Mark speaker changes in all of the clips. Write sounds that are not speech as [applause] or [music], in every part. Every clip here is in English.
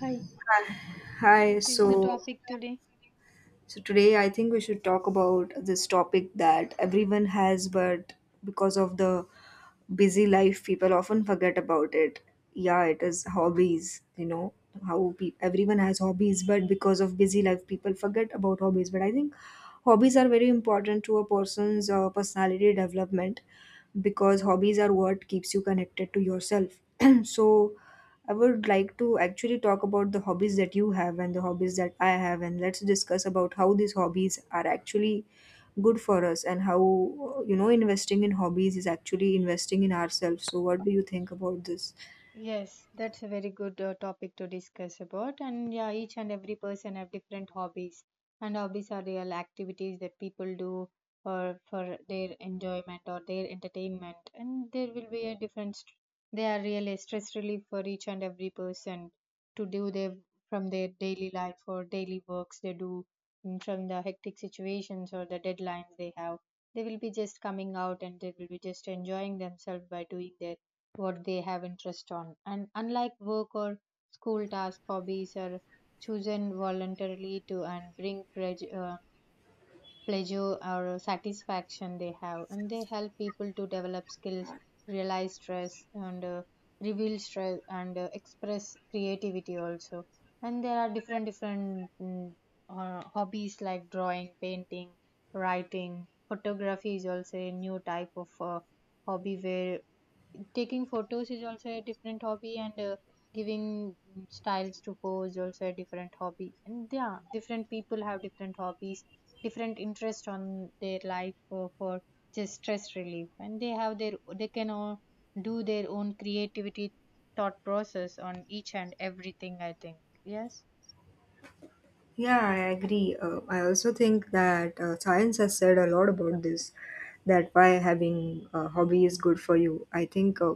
Speaker 1: Hi,
Speaker 2: Hi,
Speaker 1: what is the
Speaker 2: so
Speaker 1: topic today?
Speaker 2: so today I think we should talk about this topic that everyone has, but because of the busy life, people often forget about it. Yeah, it is hobbies, you know, everyone has hobbies, but because of busy life, people forget about hobbies. But I think hobbies are very important to a person's personality development because hobbies are what keeps you connected to yourself. [clears throat] So, I would like to actually talk about the hobbies that you have and the hobbies that I have, and let's discuss about how these hobbies are actually good for us and how investing in hobbies is actually investing in ourselves. So what do you think about this?
Speaker 1: Yes, that's a very good topic to discuss about. And yeah, each and every person have different hobbies, and hobbies are real activities that people do or for their enjoyment or their entertainment. And there will be a they are really stress relief for each and every person to do their from their daily life or daily works they do, and from the hectic situations or the deadlines they have. They will be just coming out and they will be just enjoying themselves by doing their what they have interest on. And unlike work or school tasks, hobbies are chosen voluntarily to and bring pleasure or satisfaction they have. And they help people to develop skills, realize stress, and reveal stress, and express creativity also. And there are different hobbies like drawing, painting, writing. Photography is also a new type of hobby where taking photos is also a different hobby, and giving styles to pose also a different hobby. And yeah, different people have different hobbies, different interest on their life for just stress relief, and they have their they can all do their own creativity thought process on each and everything, I think. Yes.
Speaker 2: Yeah, I agree. I also think that science has said a lot about this, that why having a hobby is good for you. I think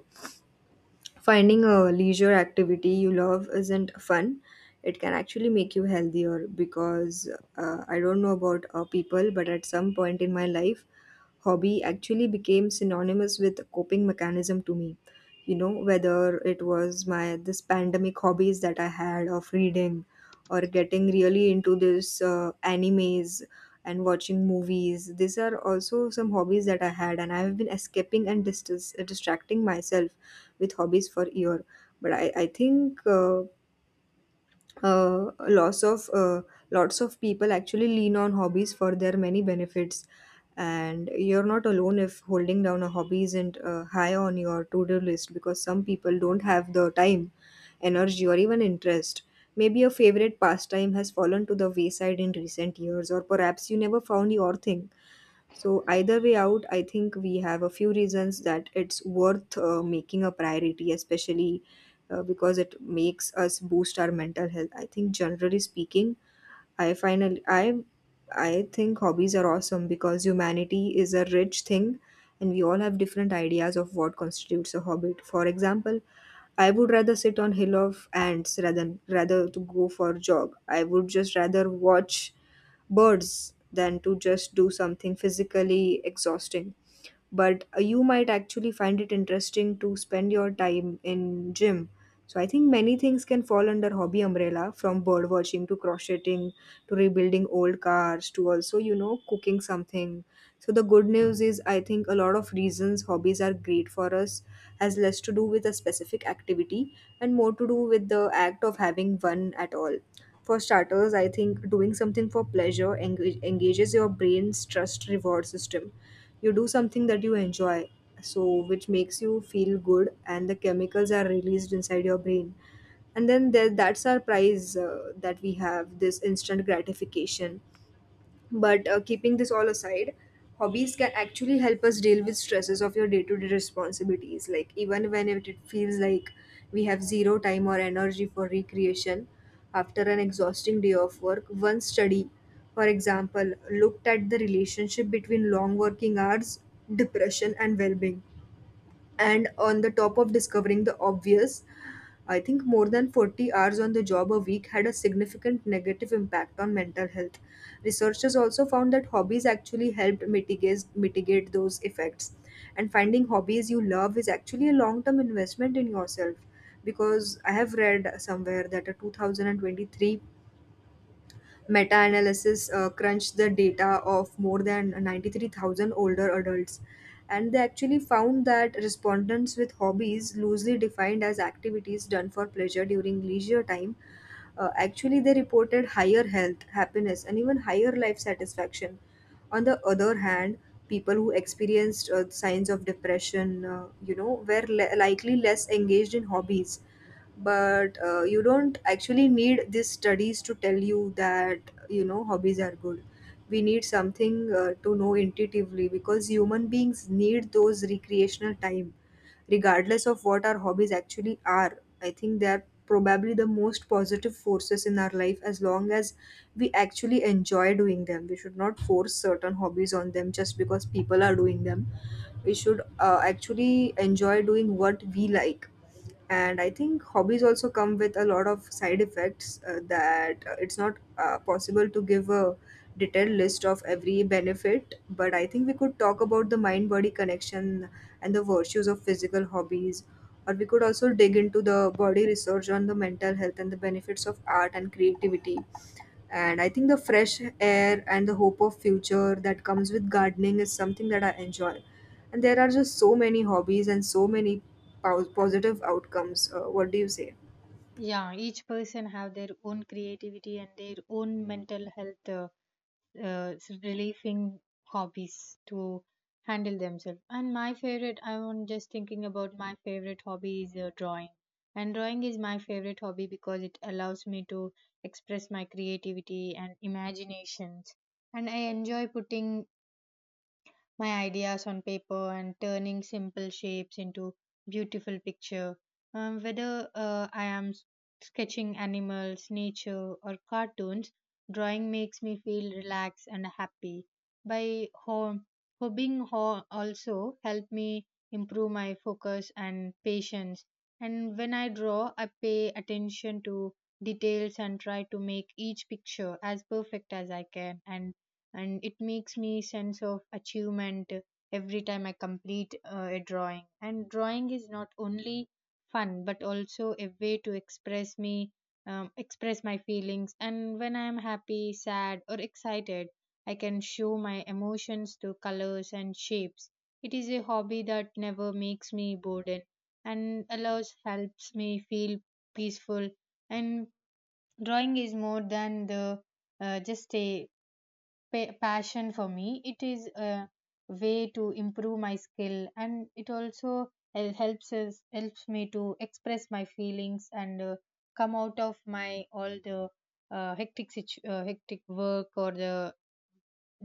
Speaker 2: finding a leisure activity you love isn't fun, it can actually make you healthier because I don't know about people, but at some point in my life, hobby actually became synonymous with coping mechanism to me. You know, whether it was my this pandemic hobbies that I had of reading or getting really into this animes and watching movies. These are also some hobbies that I had, and I have been escaping and distracting myself with hobbies for year. But I think uh, lots of uh, lots of people actually lean on hobbies for their many benefits, and you're not alone if holding down a hobby isn't high on your to-do list, because some people don't have the time, energy, or even interest. Maybe your favorite pastime has fallen to the wayside in recent years, or perhaps you never found your thing. So either way out, I think we have a few reasons that it's worth making a priority, especially because it makes us boost our mental health. I think generally speaking, I I think hobbies are awesome because humanity is a rich thing and we all have different ideas of what constitutes a hobby. For example, I would rather sit on hill of ants rather to go for a jog. I would just rather watch birds than to just do something physically exhausting, but you might actually find it interesting to spend your time in gym. So I think many things can fall under hobby umbrella, from bird watching to crocheting to rebuilding old cars to also, you know, cooking something. So the good news is, I think a lot of reasons hobbies are great for us has less to do with a specific activity and more to do with the act of having one at all. For starters, I think doing something for pleasure engages your brain's trust reward system. You do something that you enjoy, so, which makes you feel good, and the chemicals are released inside your brain, and that's our prize, that we have this instant gratification. But keeping this all aside, hobbies can actually help us deal with stresses of your day to day responsibilities. Like, even when it feels like we have zero time or energy for recreation after an exhausting day of work, one study, for example, looked at the relationship between long working hours, depression, and well being. And on the top of discovering the obvious, I think more than 40 hours on the job a week had a significant negative impact on mental health. Researchers also found that hobbies actually helped mitigate those effects. And finding hobbies you love is actually a long term investment in yourself, because I have read somewhere that a 2023 meta-analysis crunched the data of more than 93,000 older adults, and they actually found that respondents with hobbies, loosely defined as activities done for pleasure during leisure time, actually they reported higher health happiness and even higher life satisfaction. On the other hand, people who experienced signs of depression, were likely less engaged in hobbies. But you don't actually need these studies to tell you that, you know, hobbies are good. We need something to know intuitively, because human beings need those recreational time regardless of what our hobbies actually are. I think they are probably the most positive forces in our life, as long as we actually enjoy doing them. We should not force certain hobbies on them just because people are doing them. We should actually enjoy doing what we like. And I think hobbies also come with a lot of side effects, that it's not possible to give a detailed list of every benefit, but I think we could talk about the mind body connection and the virtues of physical hobbies, or we could also dig into the body research on the mental health and the benefits of art and creativity. And I think the fresh air and the hope of future that comes with gardening is something that I enjoy. And there are just so many hobbies and so many positive outcomes. What do you say?
Speaker 1: Yeah, each person have their own creativity and their own mental health uh, relieving hobbies to handle themselves. And my favorite, I am just thinking about my favorite hobby is drawing. And drawing is my favorite hobby because it allows me to express my creativity and imaginations. And I enjoy putting my ideas on paper and turning simple shapes into beautiful picture, whether I am sketching animals, nature or cartoons. Drawing makes me feel relaxed and happy. By also help me improve my focus and patience. And when I draw, I pay attention to details and try to make each picture as perfect as I can, and it makes me sense of achievement every time I complete a drawing. And drawing is not only fun but also a way to express me, express my feelings. And when I am happy, sad or excited, I can show my emotions through colors and shapes. It is a hobby that never makes me bored and allows helps me feel peaceful. And drawing is more than the just a passion for me. It is a way to improve my skill, and it also helps me to express my feelings, and come out of my all the hectic work or the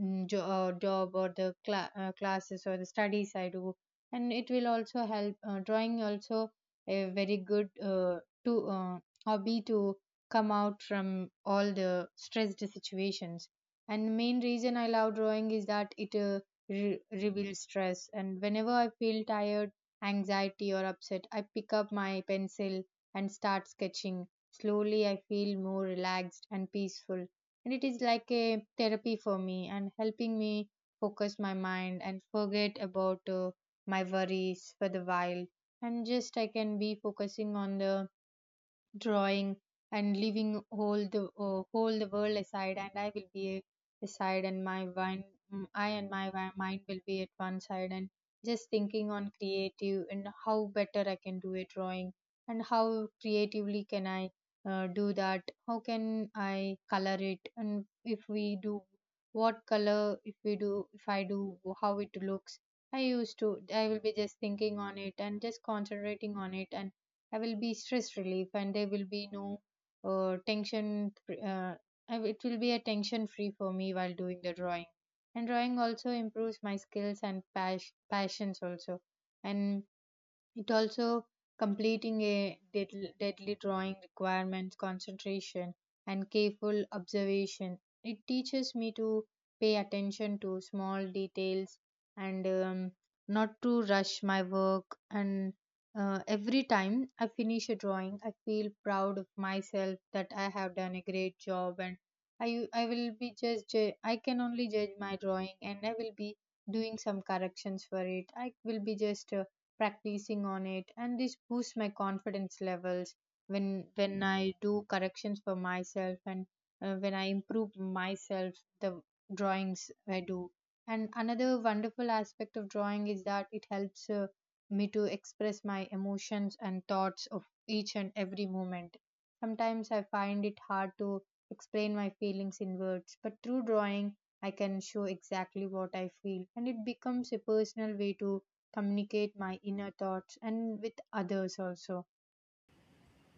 Speaker 1: job or the classes or the studies I do. And it will also help. Drawing also a very good to hobby to come out from all the stressed situations. And main reason I love drawing is that it reveals stress. And whenever I feel tired, anxiety or upset, I pick up my pencil and start sketching. Slowly, I feel more relaxed and peaceful, and it is like a therapy for me and helping me focus my mind and forget about my worries for the while. And just I can be focusing on the drawing and leaving whole the world aside, and I will be aside, and my mind mm, I and my wi- mind will be at one side and just thinking on creative and how better I can do a drawing, and how creatively can I do that, how can I color it, and if we do what color if we do if I do how it looks. I used to I will be just thinking on it and just concentrating on it, and I will be stress relief, and there will be no tension. It will be a tension free for me while doing the drawing. And drawing also improves my skills and passions also. And it also completing a deadly drawing requirements concentration and careful observation. It teaches me to pay attention to small details, and not to rush my work. And every time I finish a drawing, I feel proud of myself that I have done a great job. And I will be just I can only judge my drawing, and I will be doing some corrections for it. I will be just practicing on it, and this boosts my confidence levels when when I do corrections for myself, and when I improve myself the drawings I do. And another wonderful aspect of drawing is that it helps me to express my emotions and thoughts of each and every moment. Sometimes I find it hard to explain my feelings in words, but through drawing I can show exactly what I feel, and it becomes a personal way to communicate my inner thoughts and with others also.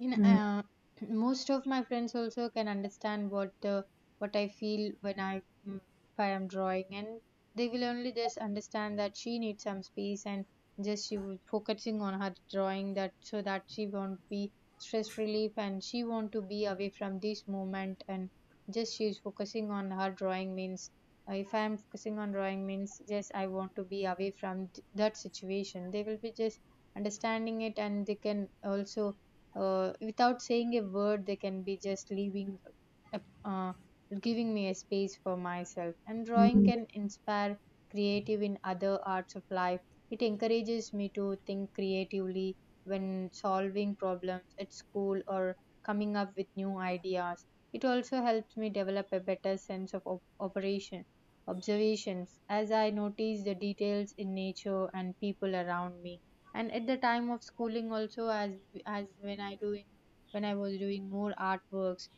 Speaker 1: In
Speaker 2: Mm,
Speaker 1: [clears throat] most of my friends also can understand what I feel when I if I am drawing, and they will only just understand that she needs some space, and just she was focusing on her drawing that so that she won't be stress relief and she want to be away from this moment, and just she is focusing on her drawing means if I am focusing on drawing means just I want to be away from that situation. They will be just understanding it, and they can also without saying a word they can be just leaving a- uh, giving me a space for myself. And drawing
Speaker 2: mm,
Speaker 1: can inspire creative in other arts of life. It encourages me to think creatively when solving problems at school or coming up with new ideas. It also helps me develop a better sense of operation observations as I notice the details in nature and people around me. And at the time of schooling also, as as when i doing when I was doing more artworks,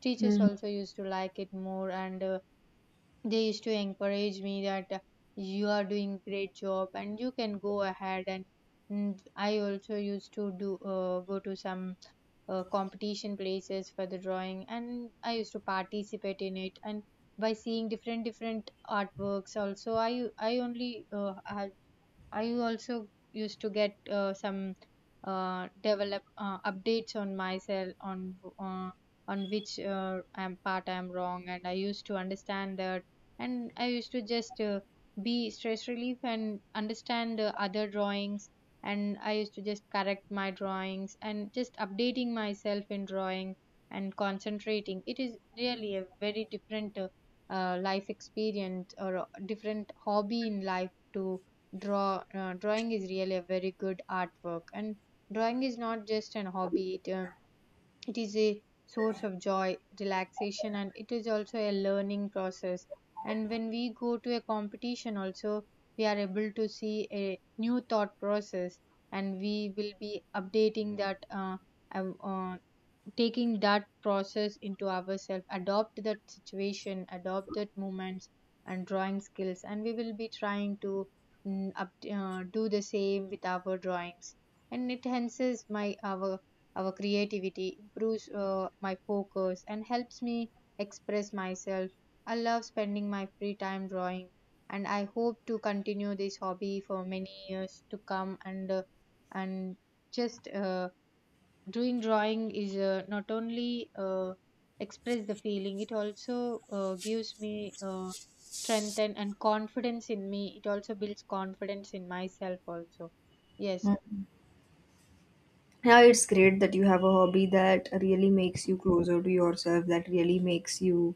Speaker 1: teachers
Speaker 2: mm,
Speaker 1: also used to like it more, and they used to encourage me that you are doing great job and you can go ahead. And I also used to do go to some competition places for the drawing, and I used to participate in it. And by seeing different different artworks also, I I also used to get some develop updates on myself on which I'm part I'm wrong, and I used to understand that, and I used to just be stress relief and understand other drawings, and I used to just correct my drawings and just updating myself in drawing and concentrating. It is really a very different life experience or a different hobby in life to draw. Drawing is really a very good artwork, and drawing is not just an hobby. It it is a source of joy, relaxation, and it is also a learning process. And when we go to a competition also, we are able to see a new thought process, and we will be updating that uh, uh, taking that process into ourselves, adopt that situation, adopt that moments and drawing skills. And we will be trying to do the same with our drawings, and it enhances my our creativity, improves my focus, and helps me express myself. I love spending my free time drawing, and I hope to continue this hobby for many years to come. And and just doing drawing is not only express the feeling, it also gives me strength, and confidence in me. It also builds confidence in myself also. Yes.
Speaker 2: mm. Yeah, it's great that you have a hobby that really makes you closer to yourself, that really makes you,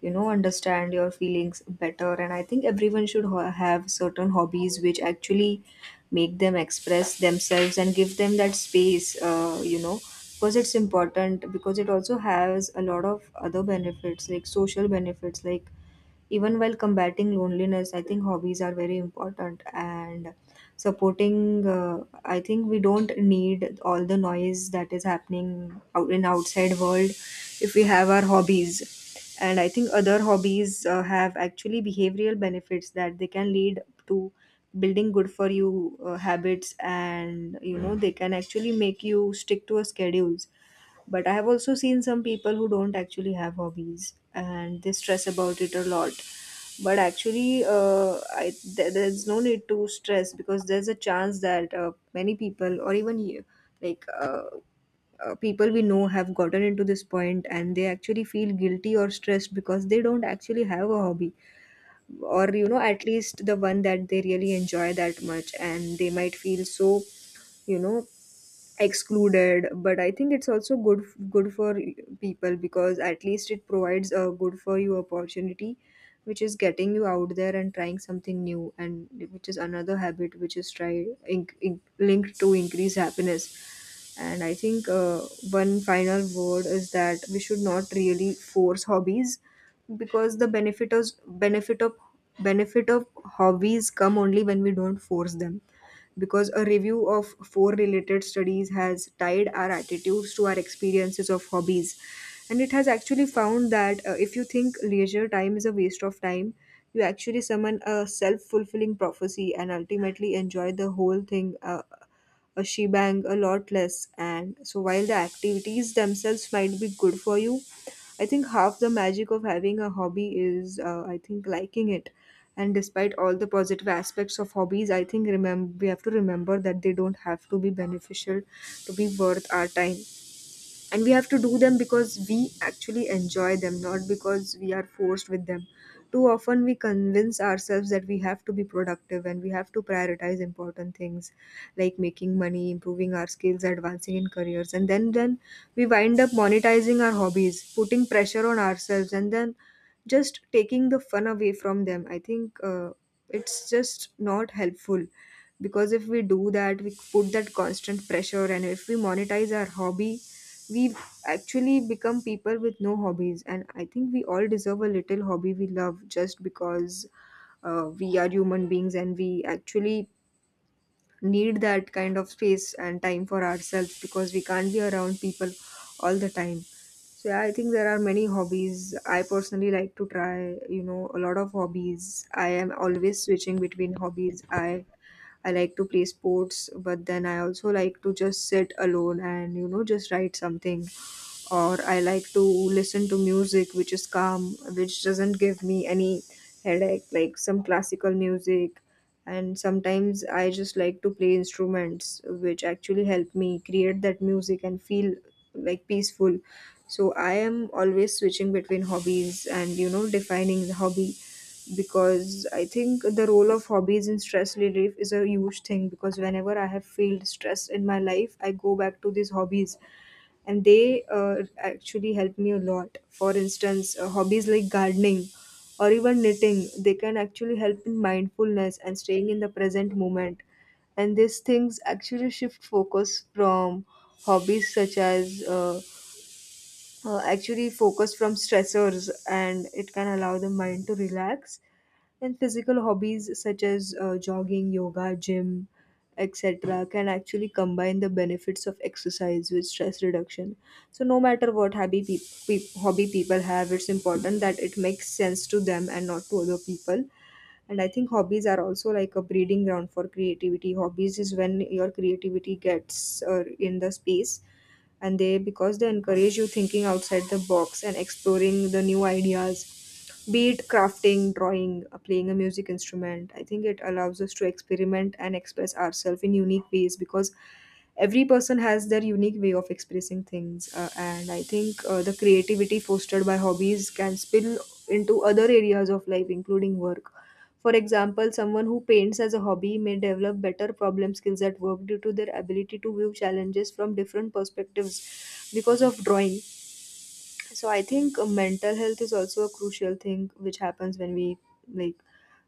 Speaker 2: you know, understand your feelings better. And I think everyone should have certain hobbies which actually make them express themselves and give them that space, you know, because it's important. Because it also has a lot of other benefits, like social benefits, like even while combating loneliness, I think hobbies are very important. And supporting I think we don't need all the noise that is happening out in outside world if we have our hobbies. And I think other hobbies have actually behavioral benefits, that they can lead to building good for you habits, and you know they can actually make you stick to a schedules. But I have also seen some people who don't actually have hobbies and they stress about it a lot. But actually, there's no need to stress, because there's a chance that many people, or even you, like uh, people we know, have gotten into this point, and they actually feel guilty or stressed because they don't actually have a hobby, or you know, at least the one that they really enjoy that much, and they might feel so, you know, excluded. But I think it's also good for people, because at least it provides a good for you opportunity, which is getting you out there and trying something new, and which is another habit which is linked to increase happiness. And I think one final word is that we should not really force hobbies, because the benefit of hobbies come only when we don't force them. Because a review of four related studies has tied our attitudes to our experiences of hobbies, and it has actually found that if you think leisure time is a waste of time, you actually summon a self-fulfilling prophecy and ultimately enjoy the whole thing shebang a lot less. And so, while the activities themselves might be good for you, I think half the magic of having a hobby is, I think, liking it. And despite all the positive aspects of hobbies, I think remember we have to remember that they don't have to be beneficial to be worth our time, and we have to do them because we actually enjoy them, not because we are forced with them. Too often we convince ourselves that we have to be productive and we have to prioritize important things, like making money, improving our skills, advancing in careers, and then we wind up monetizing our hobbies, putting pressure on ourselves, and then just taking the fun away from them. I think it's just not helpful, because if we do that, we put that constant pressure, and if we monetize our hobby, we've actually become people with no hobbies. And I think we all deserve a little hobby we love, just because we are human beings, and we actually need that kind of space and time for ourselves, because we can't be around people all the time. So yeah, I think there are many hobbies. I personally like to try, you know, a lot of hobbies. I am always switching between hobbies. I like to play sports, but then I also like to just sit alone and, you know, just write something, or I like to listen to music which is calm, which doesn't give me any headache, like some classical music. And sometimes I just like to play instruments which actually help me create that music and feel like peaceful. So I am always switching between hobbies and defining the hobby because I think the role of hobbies in stress relief is a huge thing because whenever I have felt stress in my life, I go back to these hobbies and they actually help me a lot. For instance, hobbies like gardening or even knitting, they can actually help in mindfulness and staying in the present moment, and these things actually shift focus from hobbies such as actually focus from stressors, and it can allow the mind to relax. And physical hobbies such as jogging, yoga, gym, etc., can actually combine the benefits of exercise with stress reduction. So, no matter what hobby, hobby people have, it's important that it makes sense to them and not to other people. And I think hobbies are also like a breeding ground for creativity. Hobbies is when your creativity gets in the space, and they, because they encourage you thinking outside the box and exploring the new ideas, be it crafting, drawing, playing a music instrument. I think it allows us to experiment and express ourselves in unique ways, because every person has their unique way of expressing things, and I think, the creativity fostered by hobbies can spill into other areas of life including work. For example, someone who paints as a hobby may develop better problem skills at work due to their ability to view challenges from different perspectives because of drawing. So I think, mental health is also a crucial thing which happens when we like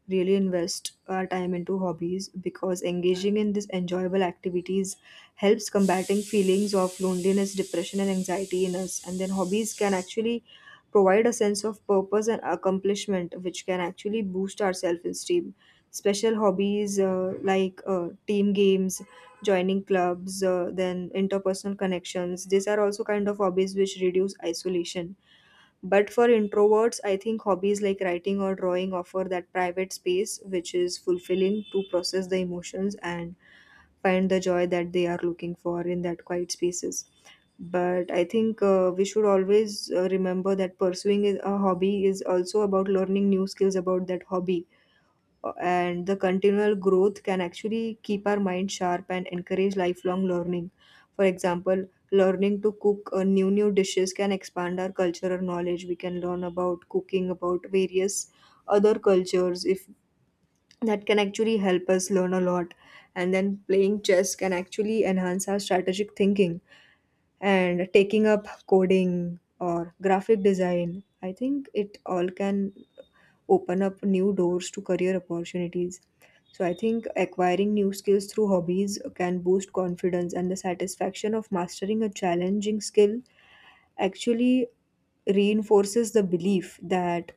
Speaker 2: really invest our time into hobbies, because engaging in these enjoyable activities helps combating feelings of loneliness, depression, and anxiety in us. And then hobbies can actually provide a sense of purpose and accomplishment, which can actually boost our self esteem. Special hobbies, like team games, joining clubs, then interpersonal connections, these are also kind of hobbies which reduce isolation. But for introverts, I think hobbies like writing or drawing offer that private space which is fulfilling to process the emotions and find the joy that they are looking for in that quiet spaces. But I think, we should always, remember that a hobby is also about learning new skills about that hobby, and the continual growth can actually keep our mind sharp and encourage lifelong learning. For example, learning to cook new dishes can expand our cultural knowledge. We can learn about cooking about various other cultures. If that can actually help us learn a lot, and then playing chess can actually enhance our strategic thinking, and taking up coding or graphic design, I think it all can open up new doors to career opportunities. So I think acquiring new skills through hobbies can boost confidence, and the satisfaction of mastering a challenging skill actually reinforces the belief that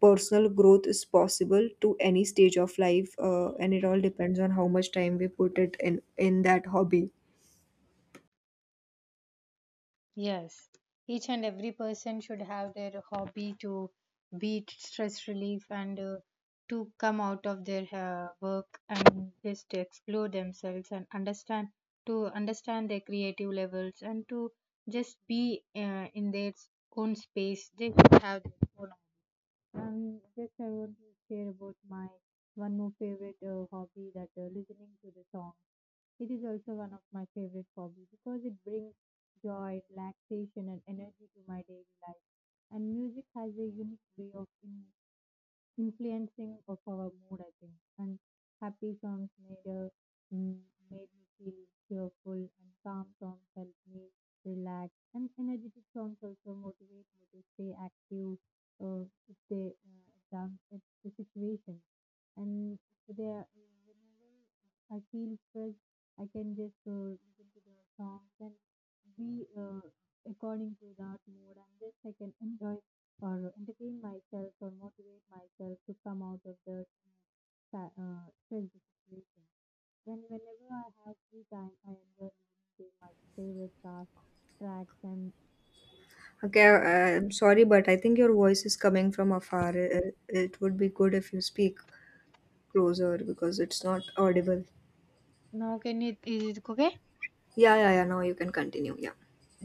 Speaker 2: personal growth is possible to any stage of life, and it all depends on how much time we put it in that hobby.
Speaker 1: Yes, each and every person should have their hobby to beat stress relief, and to come out of their work and just to explore themselves and understand to understand their creative levels, and to just be in their own space. They should have their own, just I want to share about my one more favorite hobby that listening to the song. It is also one of my favorite hobby because it brings joy, relaxation, and energy to my daily life. And music has a unique way of influencing of our mood, I think. And happy songs made a mm, made me feel cheerful, and calm songs help me relax, and energetic songs also motivate me to stay active, to stay down at the situation. And they are, whenever I feel stressed, I can just listen to the songs and be according to that mood, and just I can enjoy or entertain myself or motivate myself to come out of the stressful situation. Then, whenever I have free time, I enjoy listening to my favorite cast tracks and
Speaker 2: Okay, I'm sorry, but I think your voice is coming from afar. It would be good if you speak closer because it's not audible.
Speaker 1: now can it, is it okay?
Speaker 2: Yeah, yeah, yeah. Now you can continue. Yeah.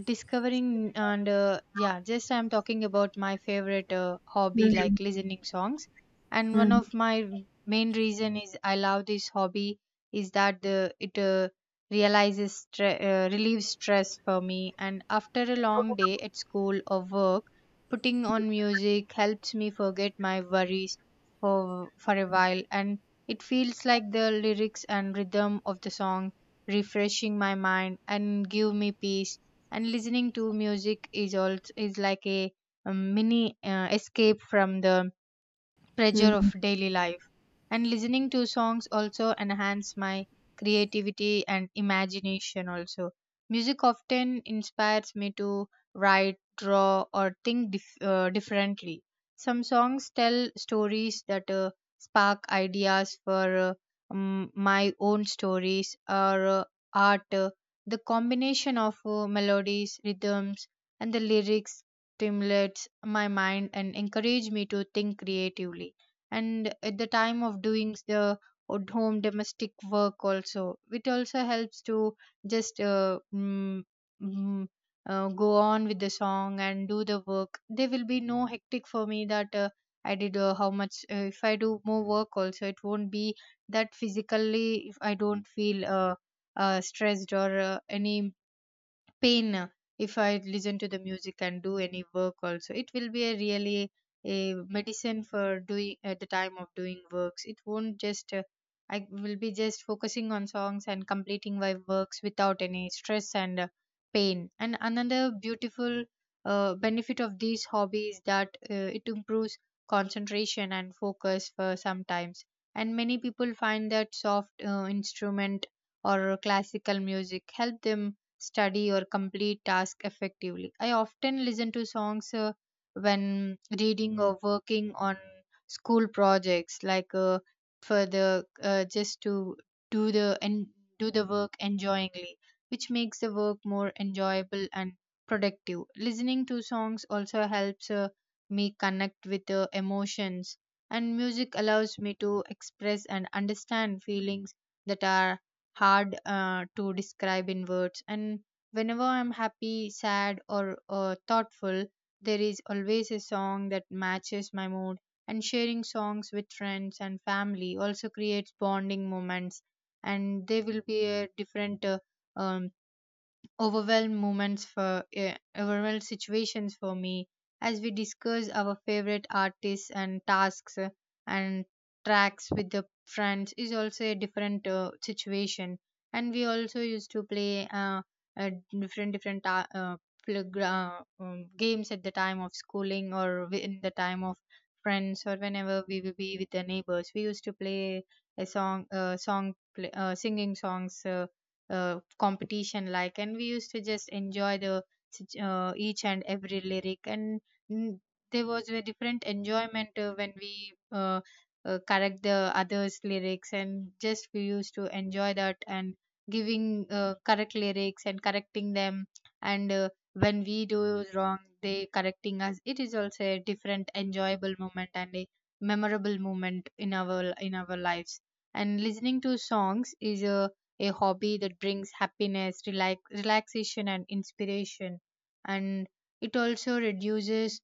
Speaker 1: Discovering. And yeah, just I'm talking about my favorite hobby like
Speaker 2: Mhm.
Speaker 1: listening songs. And one
Speaker 2: Mhm.
Speaker 1: of my main reason is I love this hobby is that the it realizes stre- relieves stress for me. And after a long day at school or work, putting on music helps me forget my worries for a while. And it feels like the lyrics and rhythm of the song refreshing my mind and give me peace. And listening to music is also is like a mini escape from the pressure of
Speaker 2: Mhm.
Speaker 1: daily life. And listening to songs also enhance my creativity and imagination. Also, music often inspires me to write, draw, or think differently. Some songs tell stories that spark ideas for my own stories or art. The combination of melodies, rhythms, and the lyrics stimulates my mind and encourage me to think creatively. And at the time of doing the at home domestic work also, it also helps to just mm, go on with the song and do the work. There will be no hectic for me that I did how much. If I do more work also, it won't be that physically if I don't feel stressed or any pain. If I listen to the music and do any work also, it will be a really a medicine for doing at the time of doing works. It won't just I will be just focusing on songs and completing my works without any stress and pain. And another beautiful benefit of these hobbies that it improves concentration and focus for sometimes. And many people find that soft instrument or classical music help them study or complete task effectively. I often listen to songs when reading or working on school projects, like for the just to do the and do the work enjoyingly, which makes the work more enjoyable and productive. Listening to songs also helps me connect with the emotions, and music allows me to express and understand feelings that are hard to describe in words. And whenever I'm happy, sad, or thoughtful, there is always a song that matches my mood. And sharing songs with friends and family also creates bonding moments, and there will be a different um, overwhelmed moments for overwhelmed situations for me as we discuss our favorite artists and tasks, and tracks with the friends is also a different situation. And we also used to play uh, different games at the time of schooling or in the time of friends, or whenever we will be with the neighbors, we used to play a song, song play, singing songs competition like, and we used to just enjoy the each and every lyric. And mm, there was a different enjoyment when we correct the others lyrics, and just we used to enjoy that. And giving correct lyrics and correcting them, and when we do wrong they correcting us, it is also a different enjoyable moment and a memorable moment in our lives. And listening to songs is a hobby that brings happiness, relax, relaxation, and inspiration. And it also reduces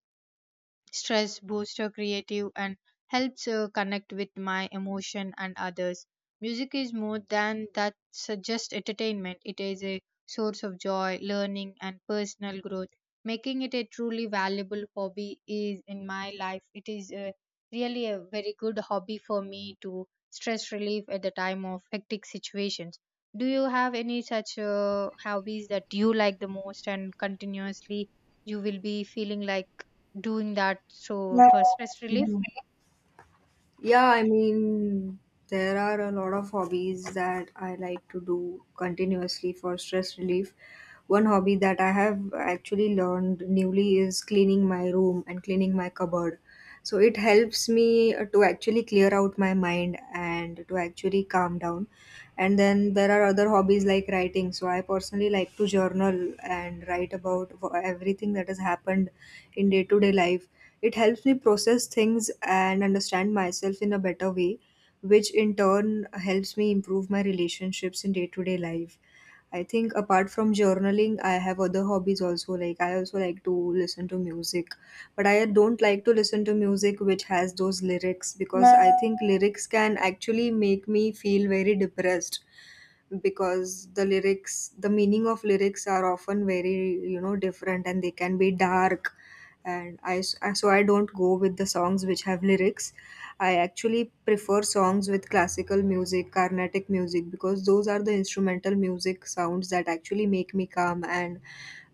Speaker 1: stress, booster creative, and helps connect with my emotion and others. Music is more than that so just entertainment, it is a source of joy, learning, and personal growth, making it a truly valuable hobby is in my life. It is really a very good hobby for me to stress relief at the time of hectic situations. Do you have any such hobbies that you like the most and continuously you will be feeling like doing that so for stress relief?
Speaker 2: Yeah, I mean, there are a lot of hobbies that I like to do continuously for stress relief. One hobby that I have actually learned newly is cleaning my room and cleaning my cupboard. So it helps me, to actually clear out my mind and to actually calm down. And then there are other hobbies like writing. So I personally like to journal and write about everything that has happened in day to day life. It helps me process things and understand myself in a better way, which in turn helps me improve my relationships in day to day life. I think apart from journaling, I have other hobbies also. Like I also like to listen to music, but I don't like to listen to music which has those lyrics, because I Nah. think lyrics can actually make me feel very depressed, because the lyrics, the meaning of lyrics are often very, you know, different, and they can be dark. And so I don't go with the songs which have lyrics. I actually prefer songs with classical music, carnatic music, because those are the instrumental music sounds that actually make me calm. And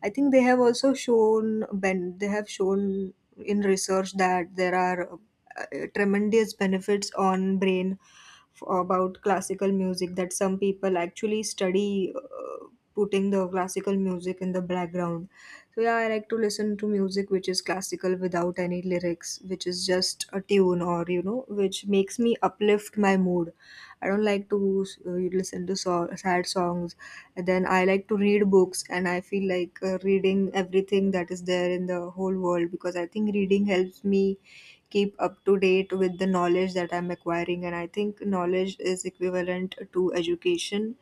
Speaker 2: I think they have also shown ben they have shown in research that there are, tremendous benefits on brain about classical music, that some people actually study, putting the classical music in the background. So yeah, I like to listen to music which is classical, without any lyrics, which is just a tune or, you know, which makes me uplift my mood. I don't like to, listen to sad songs. And then I like to read books, and I feel like, reading everything that is there in the whole world, because I think reading helps me keep up to date with the knowledge that I'm acquiring. And I think knowledge is equivalent to education,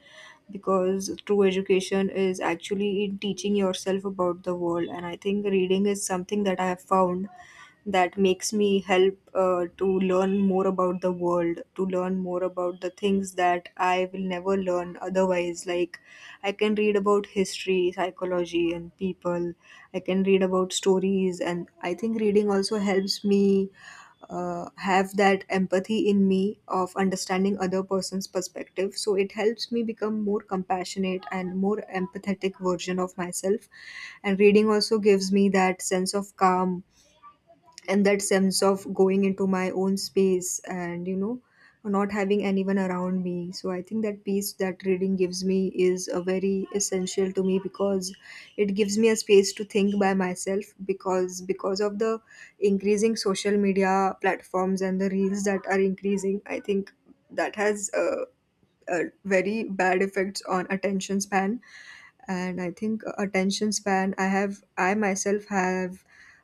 Speaker 2: because true education is actually in teaching yourself about the world. And I think reading is something that I have found that makes me help, to learn more about the world, to learn more about the things that I will never learn otherwise. Like I can read about history, psychology, and people. I can read about stories, and I think reading also helps me, have that empathy in me of understanding other person's perspective. So it helps me become more compassionate and more empathetic version of myself. And reading also gives me that sense of calm, and that sense of going into my own space and, you know, not having anyone around me. So I think that peace that reading gives me is a very essential to me, because it gives me a space to think by myself, because of the increasing social media platforms and the reels that are increasing, I think that has a very bad effects on attention span. And I think, attention span, I myself have,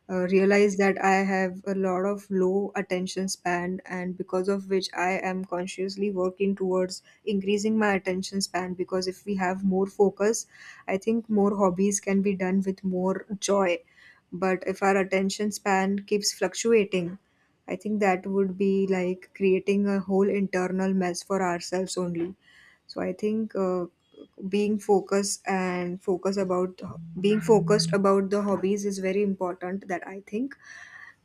Speaker 2: realized that I have a lot of low attention span, and because of which I am consciously working towards increasing my attention span. Because if we have more focus, I think more hobbies can be done with more joy. But if our attention span keeps fluctuating, I think that would be like creating a whole internal mess for ourselves only. So I think, being focused and focus about being focused about the hobbies is very important, that I think.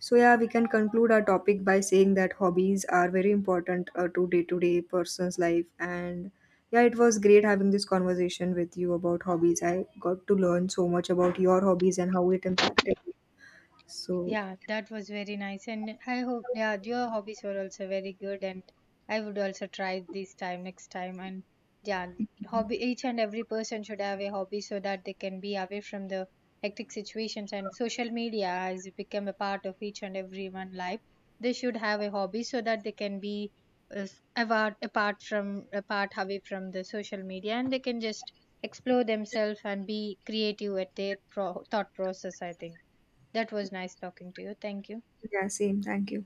Speaker 2: So yeah, we can conclude our topic by saying that hobbies are very important, to day person's life. And yeah, it was great having this conversation with you about hobbies. I got to learn so much about your hobbies and how it impacted me. So
Speaker 1: Yeah, that was very nice. And I hope, yeah, your hobbies were also very good. And I would also try this time next time. And yeah, hobby, each and every person should have a hobby so that they can be away from the hectic situations. And social media has become a part of each and everyone life. They should have a hobby so that they can be uh, apart away from the social media, and they can just explore themselves and be creative at their thought process, I think. That was nice talking to you. Thank you.
Speaker 2: yeah, same. Thank you.